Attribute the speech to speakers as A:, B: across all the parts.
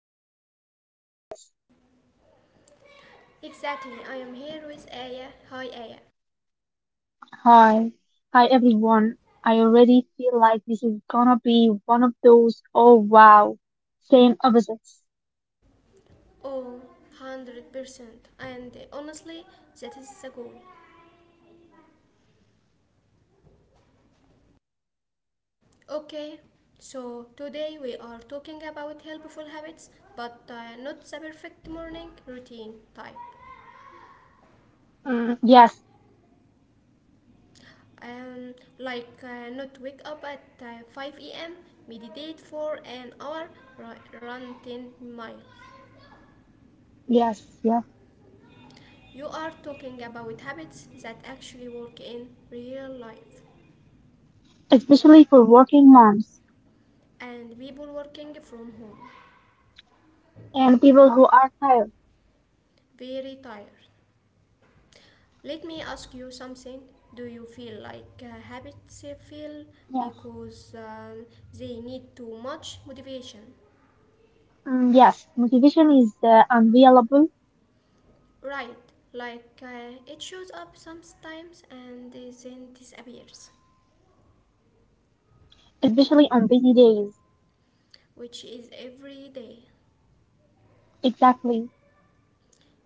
A: pressure, no perfect advice.
B: Exactly, I am here with Aya. Hi, Aya.
A: Hi. Hi everyone. I already feel like this is gonna be one of those oh wow, same opposites.
B: Oh, 100%. And honestly, that is the goal. Okay, so today we are talking about helpful habits, but not the perfect morning routine type.
A: Mm, yes,
B: Like not wake up at 5 a.m., meditate for an hour, run 10 miles.
A: yes, yes.
B: You are talking about habits that actually work in real life
A: Especially for working moms
B: and people working from home.
A: and people who are tired.
B: Very tired. Let me ask you something. Do you feel like habits fail
A: Yes.
B: because they need too much motivation?
A: Yes, motivation is unavailable,
B: Right, like it shows up sometimes and then disappears,
A: especially on busy days.
B: which is every day.
A: Exactly.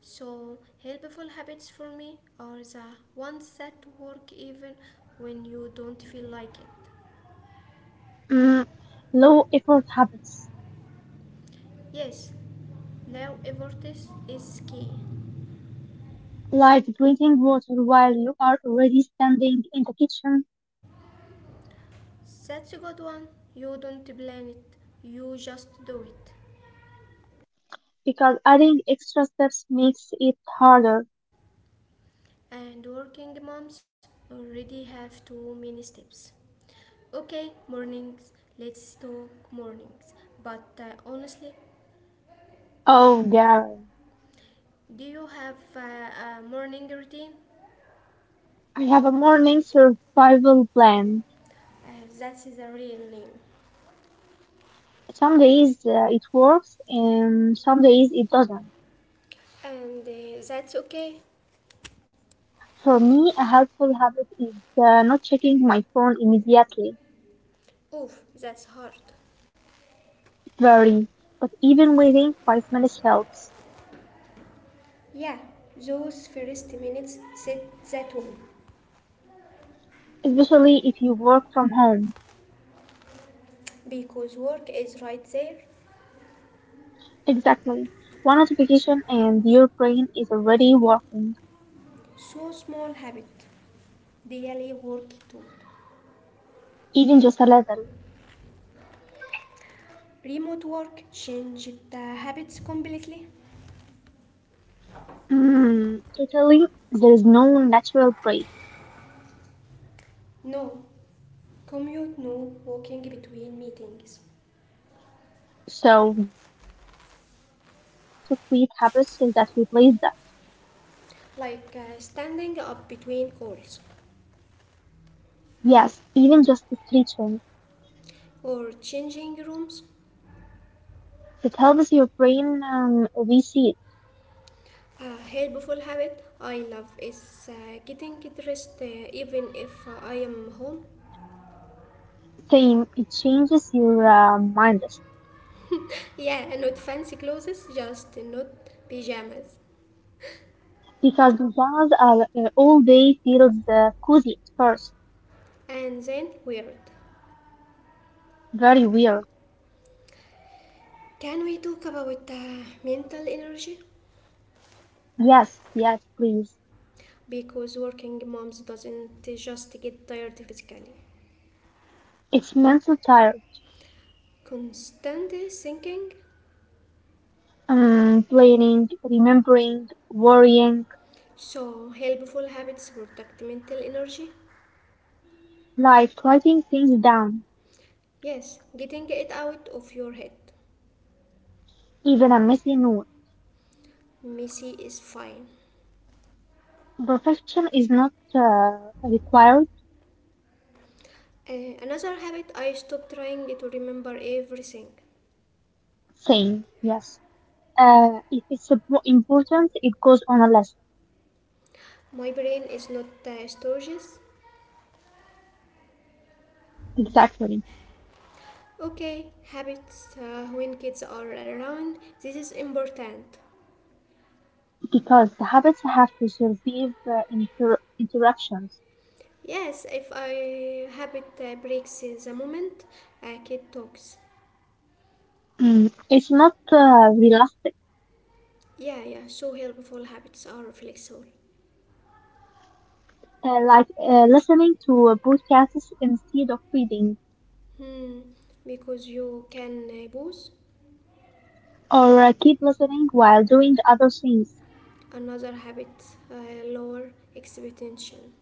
B: So, helpful habits for me are the ones that work even when you don't feel like it.
A: Mm, low effort habits,
B: Yes, now effort is key.
A: like drinking water while you are already standing in the kitchen
B: That's a good one. You don't plan it, you just do it.
A: because adding extra steps makes it harder.
B: And working moms already have too many steps. Okay, mornings. Let's talk mornings. But honestly,
A: Oh, Garen,
B: do you have a morning routine?
A: I have a morning survival plan.
B: Uh, that's the real name.
A: Some days it works and some days it doesn't.
B: And that's okay?
A: For me, a helpful habit is not checking my phone immediately.
B: Oof, that's hard.
A: Very, but even waiting 5 minutes helps,
B: Yeah, those first minutes set that one.
A: especially if you work from home.
B: Because work is right there.
A: Exactly. One notification and your brain is already working,
B: So small habit. Daily work too.
A: even just a little.
B: Remote work changed the habits completely?
A: Totally, there is no natural break,
B: No. Commute no walking between meetings.
A: so you have to create habits that replace that.
B: Like standing up between calls
A: Yes, even just stretching.
B: or changing rooms.
A: It helps your brain reset.
B: A helpful habit I love is getting dressed even if I am home.
A: Same, it changes your mindset
B: Yeah, not fancy clothes, just not pajamas.
A: because pajamas are all day feels cozy at first.
B: And then weird.
A: Very weird.
B: Can we talk about mental energy?
A: Yes, yes, please.
B: Because working moms doesn't just get tired physically.
A: It's mental tired.
B: Constant thinking.
A: Planning, remembering, worrying,
B: So helpful habits protect mental energy.
A: like writing things down,
B: Yes, getting it out of your head.
A: even a messy note.
B: Messy is fine.
A: Perfection is not required.
B: Another habit I stopped trying to remember everything.
A: Same, yes. If it's important, it goes on a list.
B: My brain is not studious.
A: Exactly.
B: Okay, habits when kids are around, this is important.
A: Because the habits have to survive interruptions.
B: Yes, if I habit breaks in the moment, a kid talks.
A: It's not realistic,
B: Yeah, yeah, so helpful habits are flexible.
A: like listening to podcasts instead of reading,
B: Hmm, because you can pause.
A: or keep listening while doing other things.
B: Another habit, lower expectation.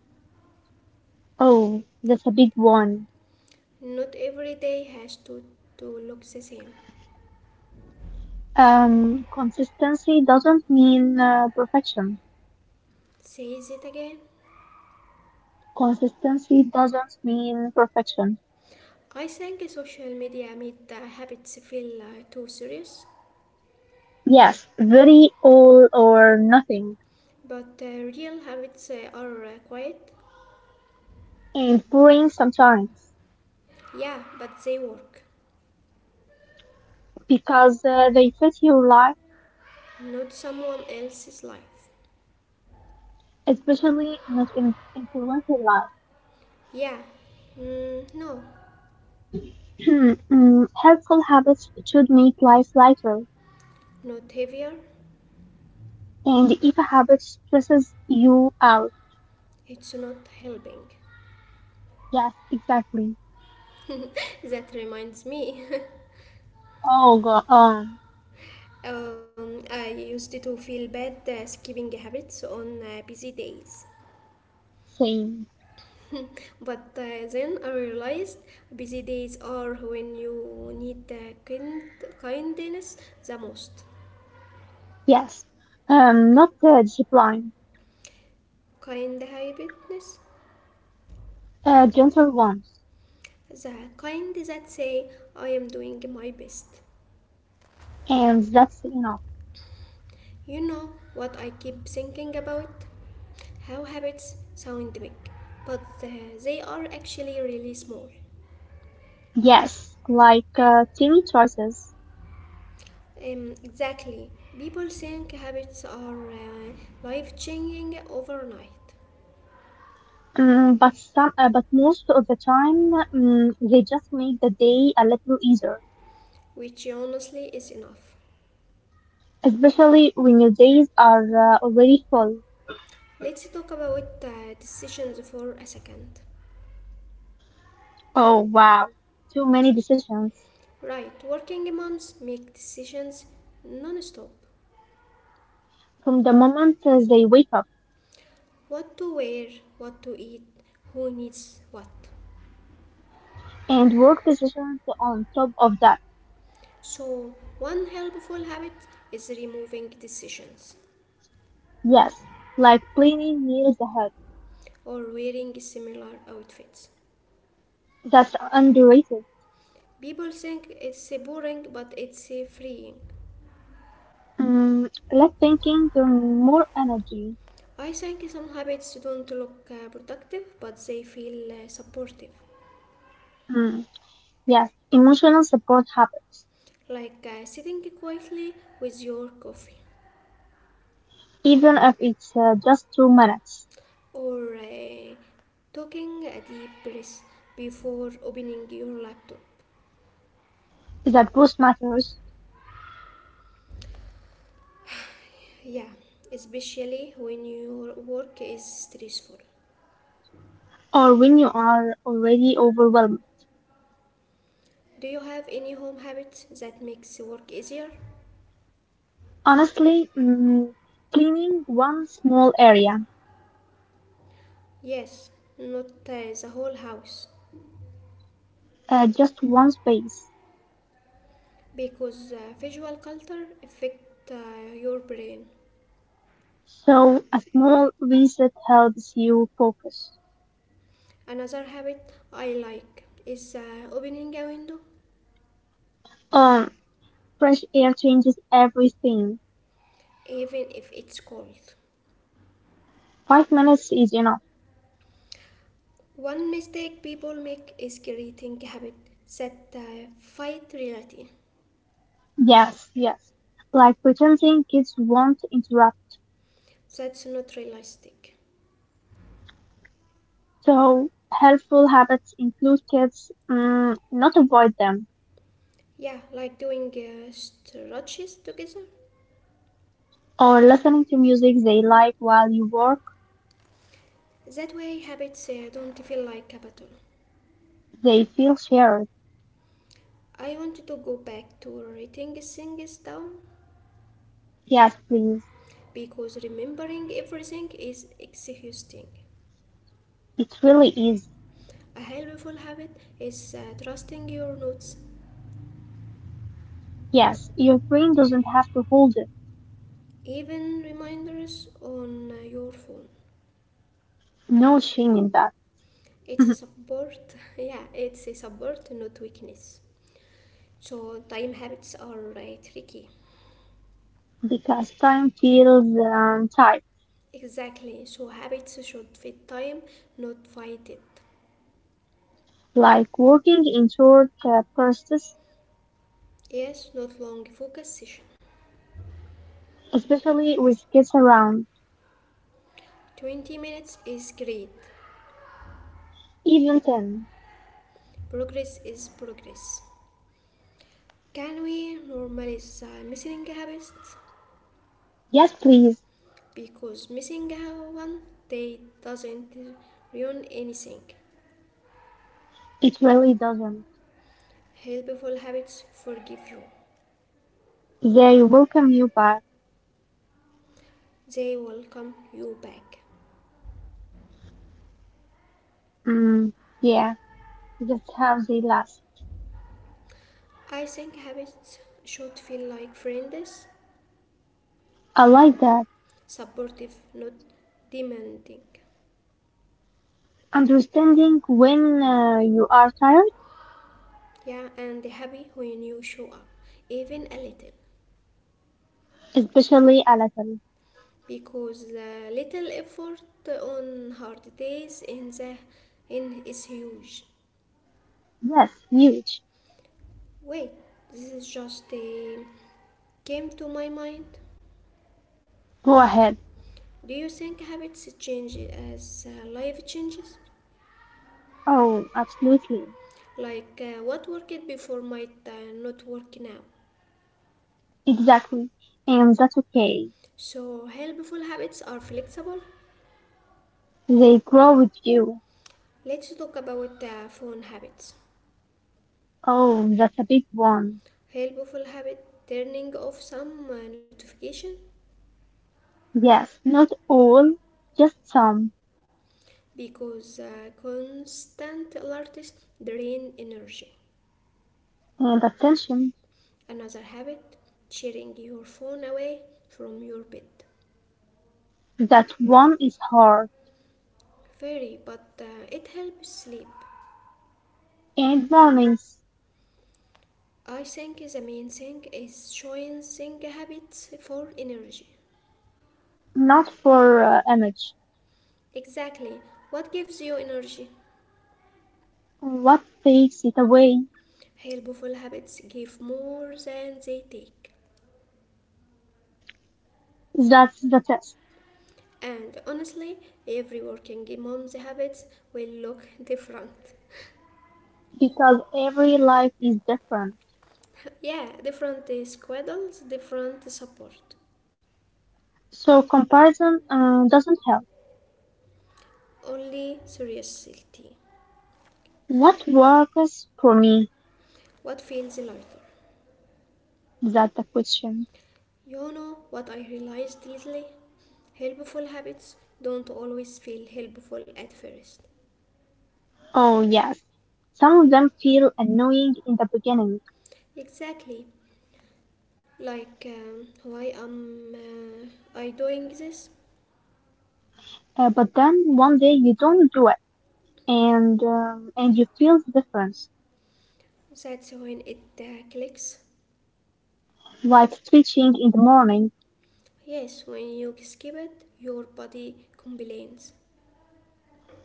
A: Oh, that's a big one.
B: Not every day has to look the same.
A: Consistency doesn't mean perfection.
B: Says it again.
A: Consistency doesn't mean perfection.
B: I think social media made habits feel too serious,
A: Yes, very all or nothing.
B: but real habits are quiet.
A: And boring sometimes
B: Yeah, but they work.
A: because they fit your life,
B: Not someone else's life.
A: especially not in influencer life.
B: Yeah, mm, no,
A: Helpful habits should make life lighter,
B: not heavier.
A: and if a habit stresses you out,
B: It's not helping.
A: yes, exactly.
B: That reminds me.
A: Oh, go on,
B: I used to feel bad skipping habits on busy days.
A: same.
B: But then I realized busy days are when you need the kindness the most.
A: Yes, not the discipline,
B: Kind habitness,
A: gentle ones,
B: the kind that say I am doing my best.
A: and that's enough.
B: You know what I keep thinking about? How habits sound big, but they are actually really small.
A: Yes, like tiny choices.
B: Exactly. People think habits are life changing overnight,
A: But most of the time, they just make the day a little easier,
B: which honestly is enough.
A: especially when your days are already full.
B: Let's talk about decisions for a second.
A: Oh wow, too many decisions
B: Right, working moms make decisions non stop.
A: from the moment they wake up,
B: What to wear, what to eat, who needs what.
A: and work decisions on top of that.
B: So, one helpful habit is removing decisions
A: Yes, like planning years ahead.
B: or wearing similar outfits.
A: That's underrated.
B: People think it's boring, but it's freeing.
A: Less thinking, more energy.
B: I think some habits don't look productive, but they feel supportive,
A: Mm, yes, emotional support happens,
B: like sitting quietly with your coffee
A: even if it's just 2 minutes.
B: or taking a deep breath before opening your laptop.
A: That boost matters.
B: Yeah, especially when your work is stressful.
A: Or when you are already overwhelmed.
B: Do you have any home habits that makes work easier?
A: Honestly, cleaning one small area,
B: Yes, not the whole house
A: just one space.
B: because visual culture affect your brain.
A: So a small reset helps you focus.
B: Another habit I like is opening a window
A: Um, fresh air changes everything.
B: even if it's cold.
A: 5 minutes is enough.
B: One mistake people make is creating a habit that fight reality.
A: Yes, yes. Like pretending kids won't interrupt.
B: That's not realistic.
A: So helpful habits include kids, not avoid them,
B: Yeah, like doing stretches together.
A: or listening to music they like while you work.
B: That way, habits don't feel like a battle.
A: They feel shared.
B: I wanted to go back to writing things down
A: Yes, please.
B: because remembering everything is exhausting.
A: It really is.
B: A helpful habit is trusting your notes,
A: Yes, your brain doesn't have to hold it.
B: even reminders on your phone.
A: No shame in that.
B: It's a support, yeah, it's a support, not weakness. So, time habits are tricky.
A: Because time feels tight,
B: Exactly, so habits should fit time, not fight it.
A: like working in short bursts,
B: Yes, not long focus session.
A: especially with kids around,
B: 20 minutes is great.
A: even 10.
B: Progress is progress. Can we normalize missing habits?
A: Yes, please.
B: Because missing one day doesn't ruin anything.
A: It really doesn't.
B: Helpful habits forgive you,
A: They welcome you back.
B: they will come you back.
A: Mm, yeah, that's how they last.
B: I think habits should feel like friends,
A: I like that.
B: supportive, not demanding.
A: Understanding when you are tired,
B: Yeah, and happy when you show up, even a little.
A: especially a little.
B: Because the little effort on hard days in the in is huge.
A: Yes, huge.
B: Wait, this is just came to my mind.
A: Go ahead.
B: Do you think habits change as life changes?
A: Oh, absolutely.
B: Like what worked before might not work now.
A: Exactly. And that's okay.
B: So helpful habits are flexible.
A: They grow with you.
B: Let's talk about phone habits.
A: Oh, that's a big one.
B: Helpful habit turning off some notification
A: Yes, not all, just some.
B: because constant alerts drain energy.
A: And attention,
B: Another habit sharing your phone away from your bed.
A: that one is hard.
B: Very, but it helps sleep.
A: And mornings,
B: I think the main thing is choosing habits for energy.
A: not for image.
B: Exactly. What gives you energy?
A: What takes it away?
B: Helpful habits give more than they take.
A: That's the test.
B: And honestly, every working mom's habits will look different.
A: Because every life is different.
B: yeah, different schedules, different support.
A: So comparison doesn't help.
B: Only seriously.
A: What works for me?
B: What feels lighter?
A: That's the question.
B: You know what I realized lately? Helpful habits don't always feel helpful at first.
A: Oh, yes. Some of them feel annoying in the beginning,
B: Exactly. Like, why am I doing this?
A: but then one day you don't do it and you feel the difference,
B: That's when it clicks.
A: like stretching in the morning
B: Yes, when you skip it, your body complains.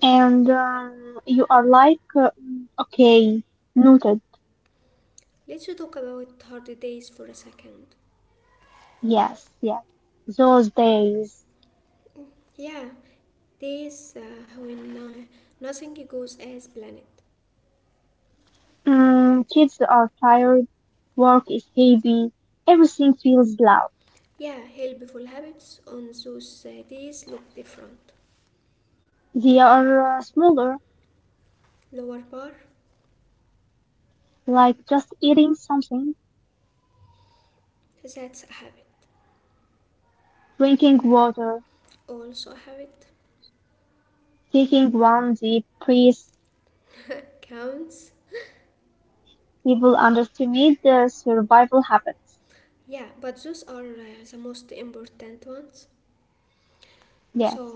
A: and you are like, okay, noted.
B: Let's talk about holidays for a second.
A: Yes, yes. Those days.
B: Yeah, days when nothing goes as planned.
A: Kids are tired, work is heavy, everything feels loud.
B: Yeah, helpful habits on those days look different.
A: They are smaller,
B: Lower bar,
A: like just eating something,
B: that's a habit.
A: drinking water,
B: Also a habit.
A: taking one deep breath,
B: Counts.
A: you will underestimate the survival habits.
B: Yeah, but those are the most important ones.
A: Yes,
B: So,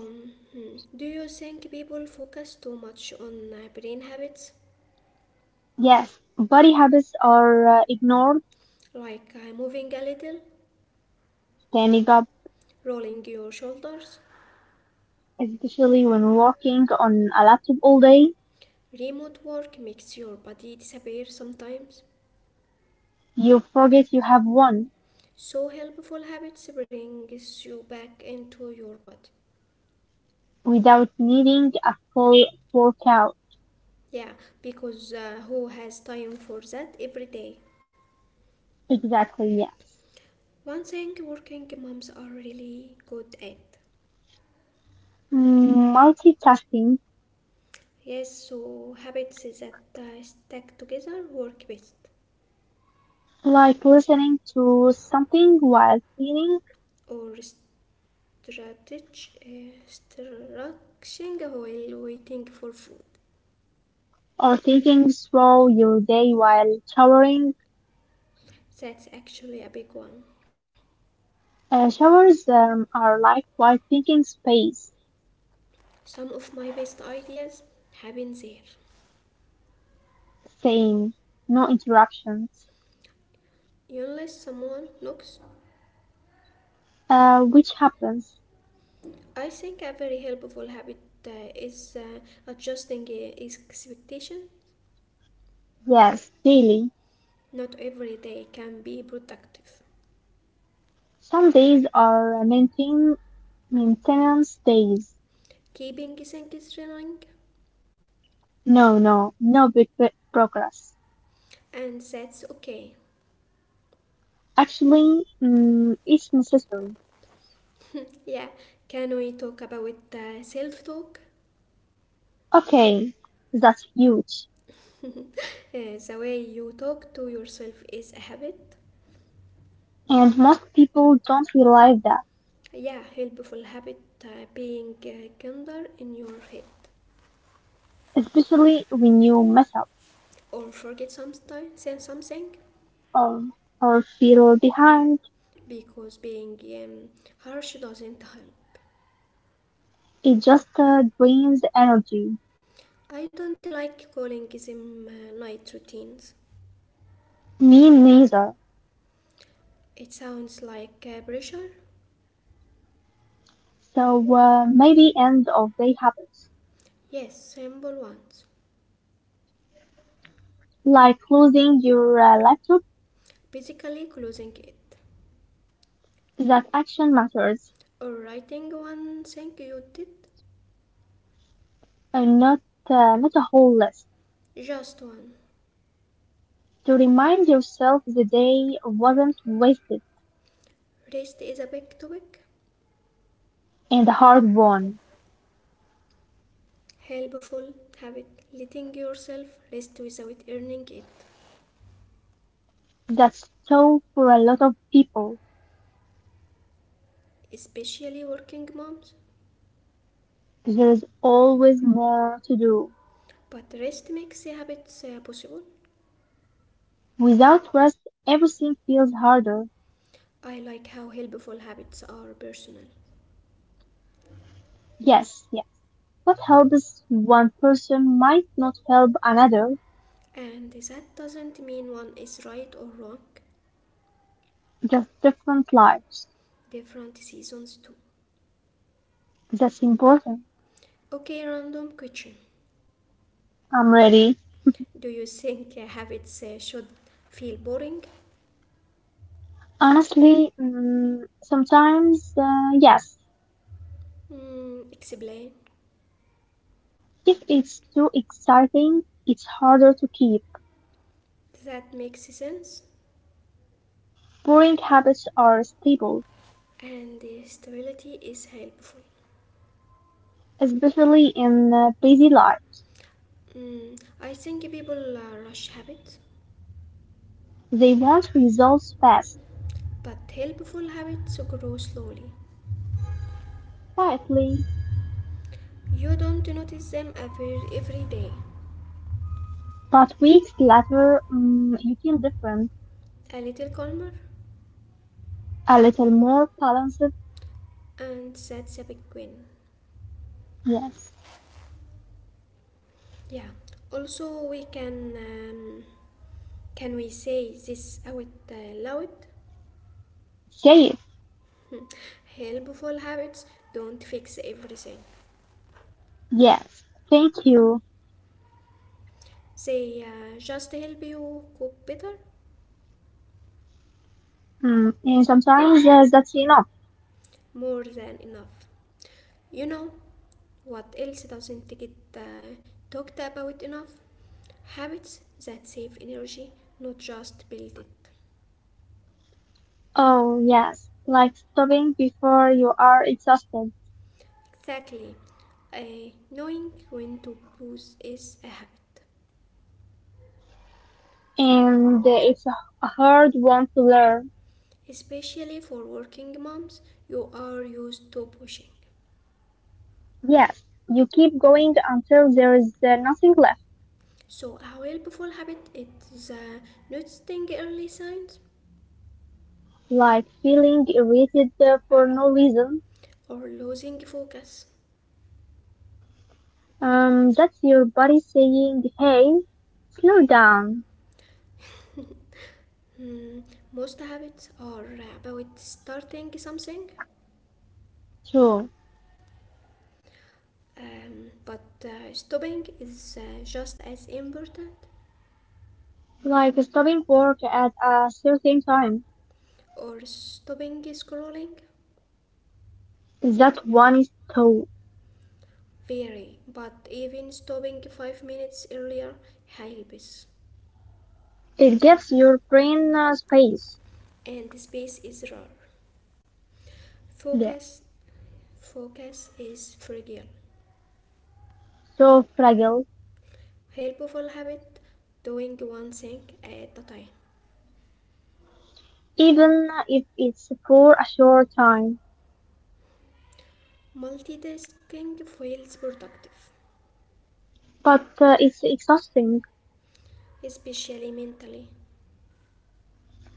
B: hmm, do you think people focus too much on brain habits?
A: yes, body habits are ignored.
B: Like moving a little,
A: Standing up,
B: rolling your shoulders.
A: especially when working on a laptop all day,
B: Remote work makes your body disappear sometimes,
A: you forget you have one
B: so helpful habits brings you back into your body.
A: without needing a full workout.
B: Yeah, because who has time for that every day?
A: Exactly, yes.
B: One thing working moms are really good at.
A: Multitasking,
B: Yes, so habits that stack together work best.
A: like listening to something while cleaning
B: Or strategy, structuring while waiting for food.
A: or thinking through your day while showering.
B: That's actually a big one.
A: Showers are like white thinking space,
B: Some of my best ideas happen there.
A: same, no interruptions,
B: Unless someone knocks.
A: which happens,
B: I think a very helpful habit is adjusting expectation.
A: yes, daily.
B: Not every day can be productive.
A: Some days are maintenance days.
B: Keeping things running,
A: No, no, no big progress.
B: and that's okay.
A: Actually, it's necessary.
B: Yeah, can we talk about self-talk?
A: Okay, that's huge.
B: The way you talk to yourself is a habit.
A: And most people don't realize that,
B: Yeah, helpful habit being kinder in your head
A: especially when you mess up
B: or forget something, say something
A: or, or feel behind.
B: because being um, harsh doesn't help.
A: It just drains energy.
B: I don't like calling them night routines.
A: Me neither.
B: It sounds like pressure.
A: So maybe end of day habits,
B: Yes, simple ones.
A: like closing your laptop,
B: Basically, closing it.
A: that action matters,
B: Or writing one thing you did.
A: and not a whole list.
B: Just one.
A: To remind yourself the day wasn't wasted
B: Rest is a big topic.
A: and hard won.
B: Helpful habit. Letting yourself rest without earning it.
A: That's so for a lot of people.
B: Especially working moms.
A: There's always more to do.
B: But rest makes habits possible.
A: Without rest, everything feels harder.
B: I like how helpful habits are personal.
A: Yes, yes. What helps one person might not help another.
B: And that doesn't mean one is right or wrong.
A: Just different lives.
B: Different seasons too.
A: That's important.
B: Okay, random question.
A: I'm ready.
B: Do you think habits should feel boring?
A: Honestly, sometimes, yes.
B: Mm, explain.
A: If it's too exciting, it's harder to keep.
B: That makes sense.
A: Boring habits are stable,
B: And stability is helpful.
A: especially in busy life.
B: I think people rush habits,
A: They want results fast,
B: but helpful habits grow slowly.
A: quietly,
B: You don't notice them every day.
A: but weeks later, you feel different,
B: A little calmer,
A: a little more balanced.
B: and that's a big win.
A: Yes.
B: Yeah. Also, we can we say this out loud?
A: Say it.
B: Hmm. Helpful habits don't fix everything.
A: Yes. Thank you.
B: They just help you cope better,
A: And sometimes that's enough.
B: more than enough. You know what else doesn't get uh, talked about enough? Habits that save energy, not just build it.
A: Oh, yes, like stopping before you are exhausted.
B: Exactly. Knowing when to pause is a habit.
A: And it's a hard one to learn.
B: Especially for working moms, you are used to pushing.
A: Yes, you keep going until there is nothing left,
B: So, a helpful habit is noticing early signs
A: like feeling irritated for no reason.
B: or losing focus.
A: That's your body saying, hey, slow down.
B: Hmm, most habits are about starting something,
A: True.
B: but stopping is just as important.
A: Like stopping work at a certain time.
B: Or stopping scrolling,
A: That one is too.
B: very, but even stopping 5 minutes earlier helps.
A: It gives your brain space.
B: And space is rare.
A: Yeah.
B: Focus, Focus is fragile.
A: So fragile.
B: Helpful habit, doing one thing at a time.
A: Even if it's for a short time.
B: Multitasking feels productive,
A: But it's exhausting.
B: especially mentally.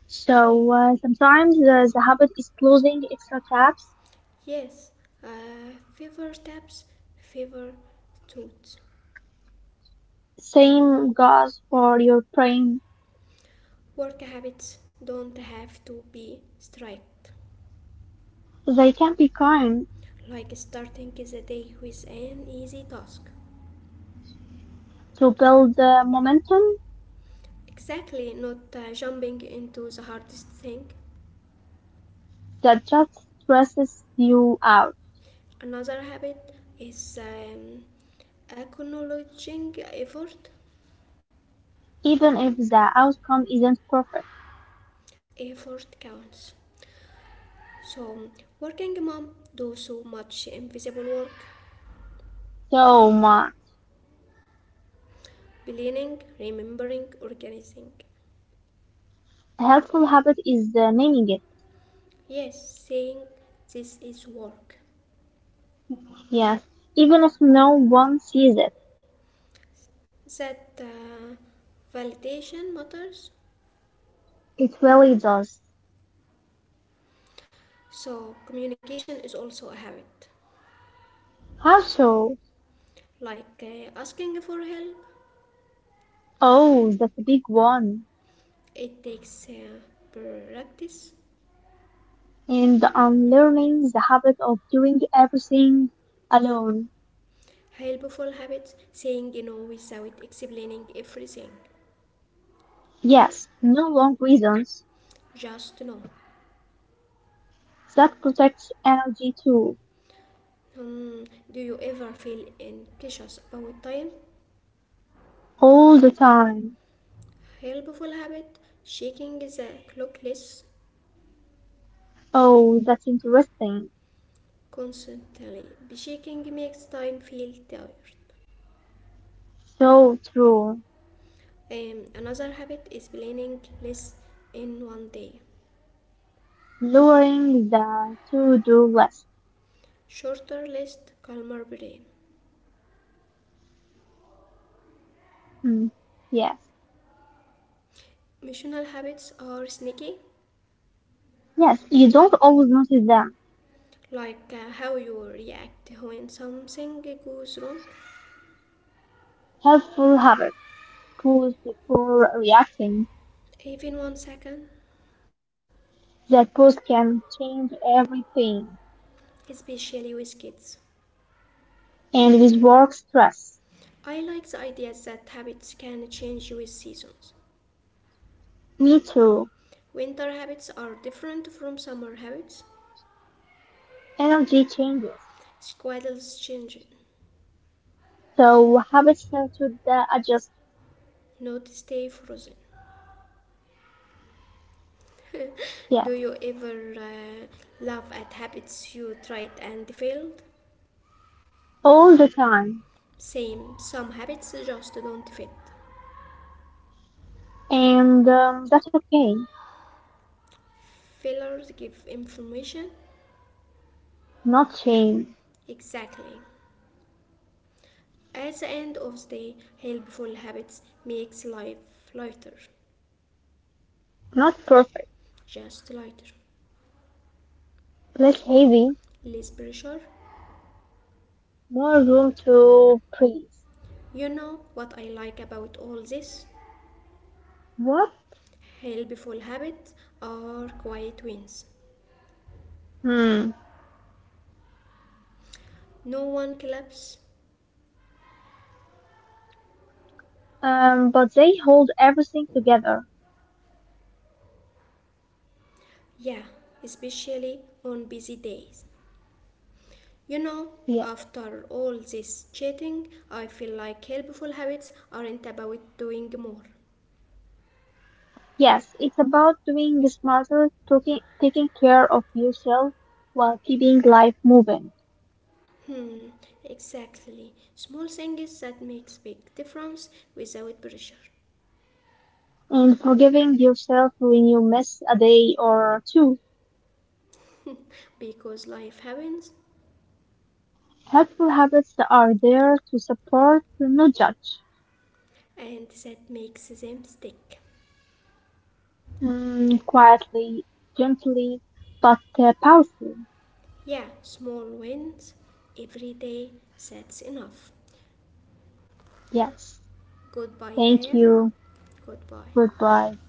A: So sometimes the habit is closing extra tabs.
B: Yes, fever steps, fever tools.
A: Same goes for your brain.
B: Work habits don't have to be strict,
A: They can be kind
B: like starting the day with an easy task.
A: to build the momentum
B: Exactly, not jumping into the hardest thing.
A: that just stresses you out,
B: Another habit is acknowledging effort.
A: even if the outcome isn't perfect.
B: Effort counts. So, working mom do so much invisible work,
A: So my
B: planning, remembering, organizing.
A: helpful habit is naming it.
B: Yes, saying this is work.
A: Yes, even if no one sees it,
B: That validation matters.
A: it really does.
B: So, communication is also a habit.
A: How so?
B: Like asking for help,
A: Oh, that's a big one.
B: it takes practice.
A: And unlearning the habit of doing everything alone.
B: Helpful habits, saying you know without explaining everything.
A: Yes, no long reasons.
B: Just know.
A: That protects energy too,
B: Um, do you ever feel anxious about time?
A: all the time.
B: Helpful habit, shaking the clock less
A: Oh, that's interesting.
B: constantly. Shaking makes time feel tired.
A: So true.
B: Another habit is planning less in one day.
A: Lowering the to-do list.
B: Shorter list, calmer brain.
A: Mm, yes,
B: Emotional habits are sneaky,
A: yes, you don't always notice them.
B: like how you react when something goes wrong,
A: Helpful habit. Pause before reacting.
B: even one second,
A: That pause can change everything.
B: especially with kids.
A: And with work stress.
B: I like the idea that habits can change with seasons.
A: Me too.
B: Winter habits are different from summer habits.
A: Energy changes.
B: Squaddles change,
A: So habits tend to adjust,
B: not stay frozen.
A: yes,
B: Do you ever laugh at habits you tried and failed?
A: all the time.
B: Same, some habits just don't fit.
A: And that's okay.
B: Failures give information.
A: Not shame.
B: Exactly. At the end of the day, helpful habits makes life lighter,
A: Not perfect.
B: just lighter,
A: Less heavy.
B: less pressure.
A: More room to breathe.
B: You know what I like about all this?
A: What?
B: Helpful habits are quiet wins.
A: Hmm.
B: No one claps.
A: But they hold everything together.
B: Yeah, especially on busy days. You know,
A: Yeah.
B: after all this chatting, I feel like helpful habits aren't about doing more.
A: Yes, it's about doing smarter, taking care of yourself while keeping life moving
B: Exactly. Small things that makes big difference without pressure.
A: and forgiving yourself when you miss a day or two.
B: Because life happens
A: Helpful habits that are there to support, not judge.
B: and that makes them stick.
A: Quietly, gently, but powerfully.
B: Yeah, small wins every day, that's enough.
A: Yes.
B: Goodbye,
A: Thank
B: Aya.
A: you.
B: Goodbye.
A: Goodbye.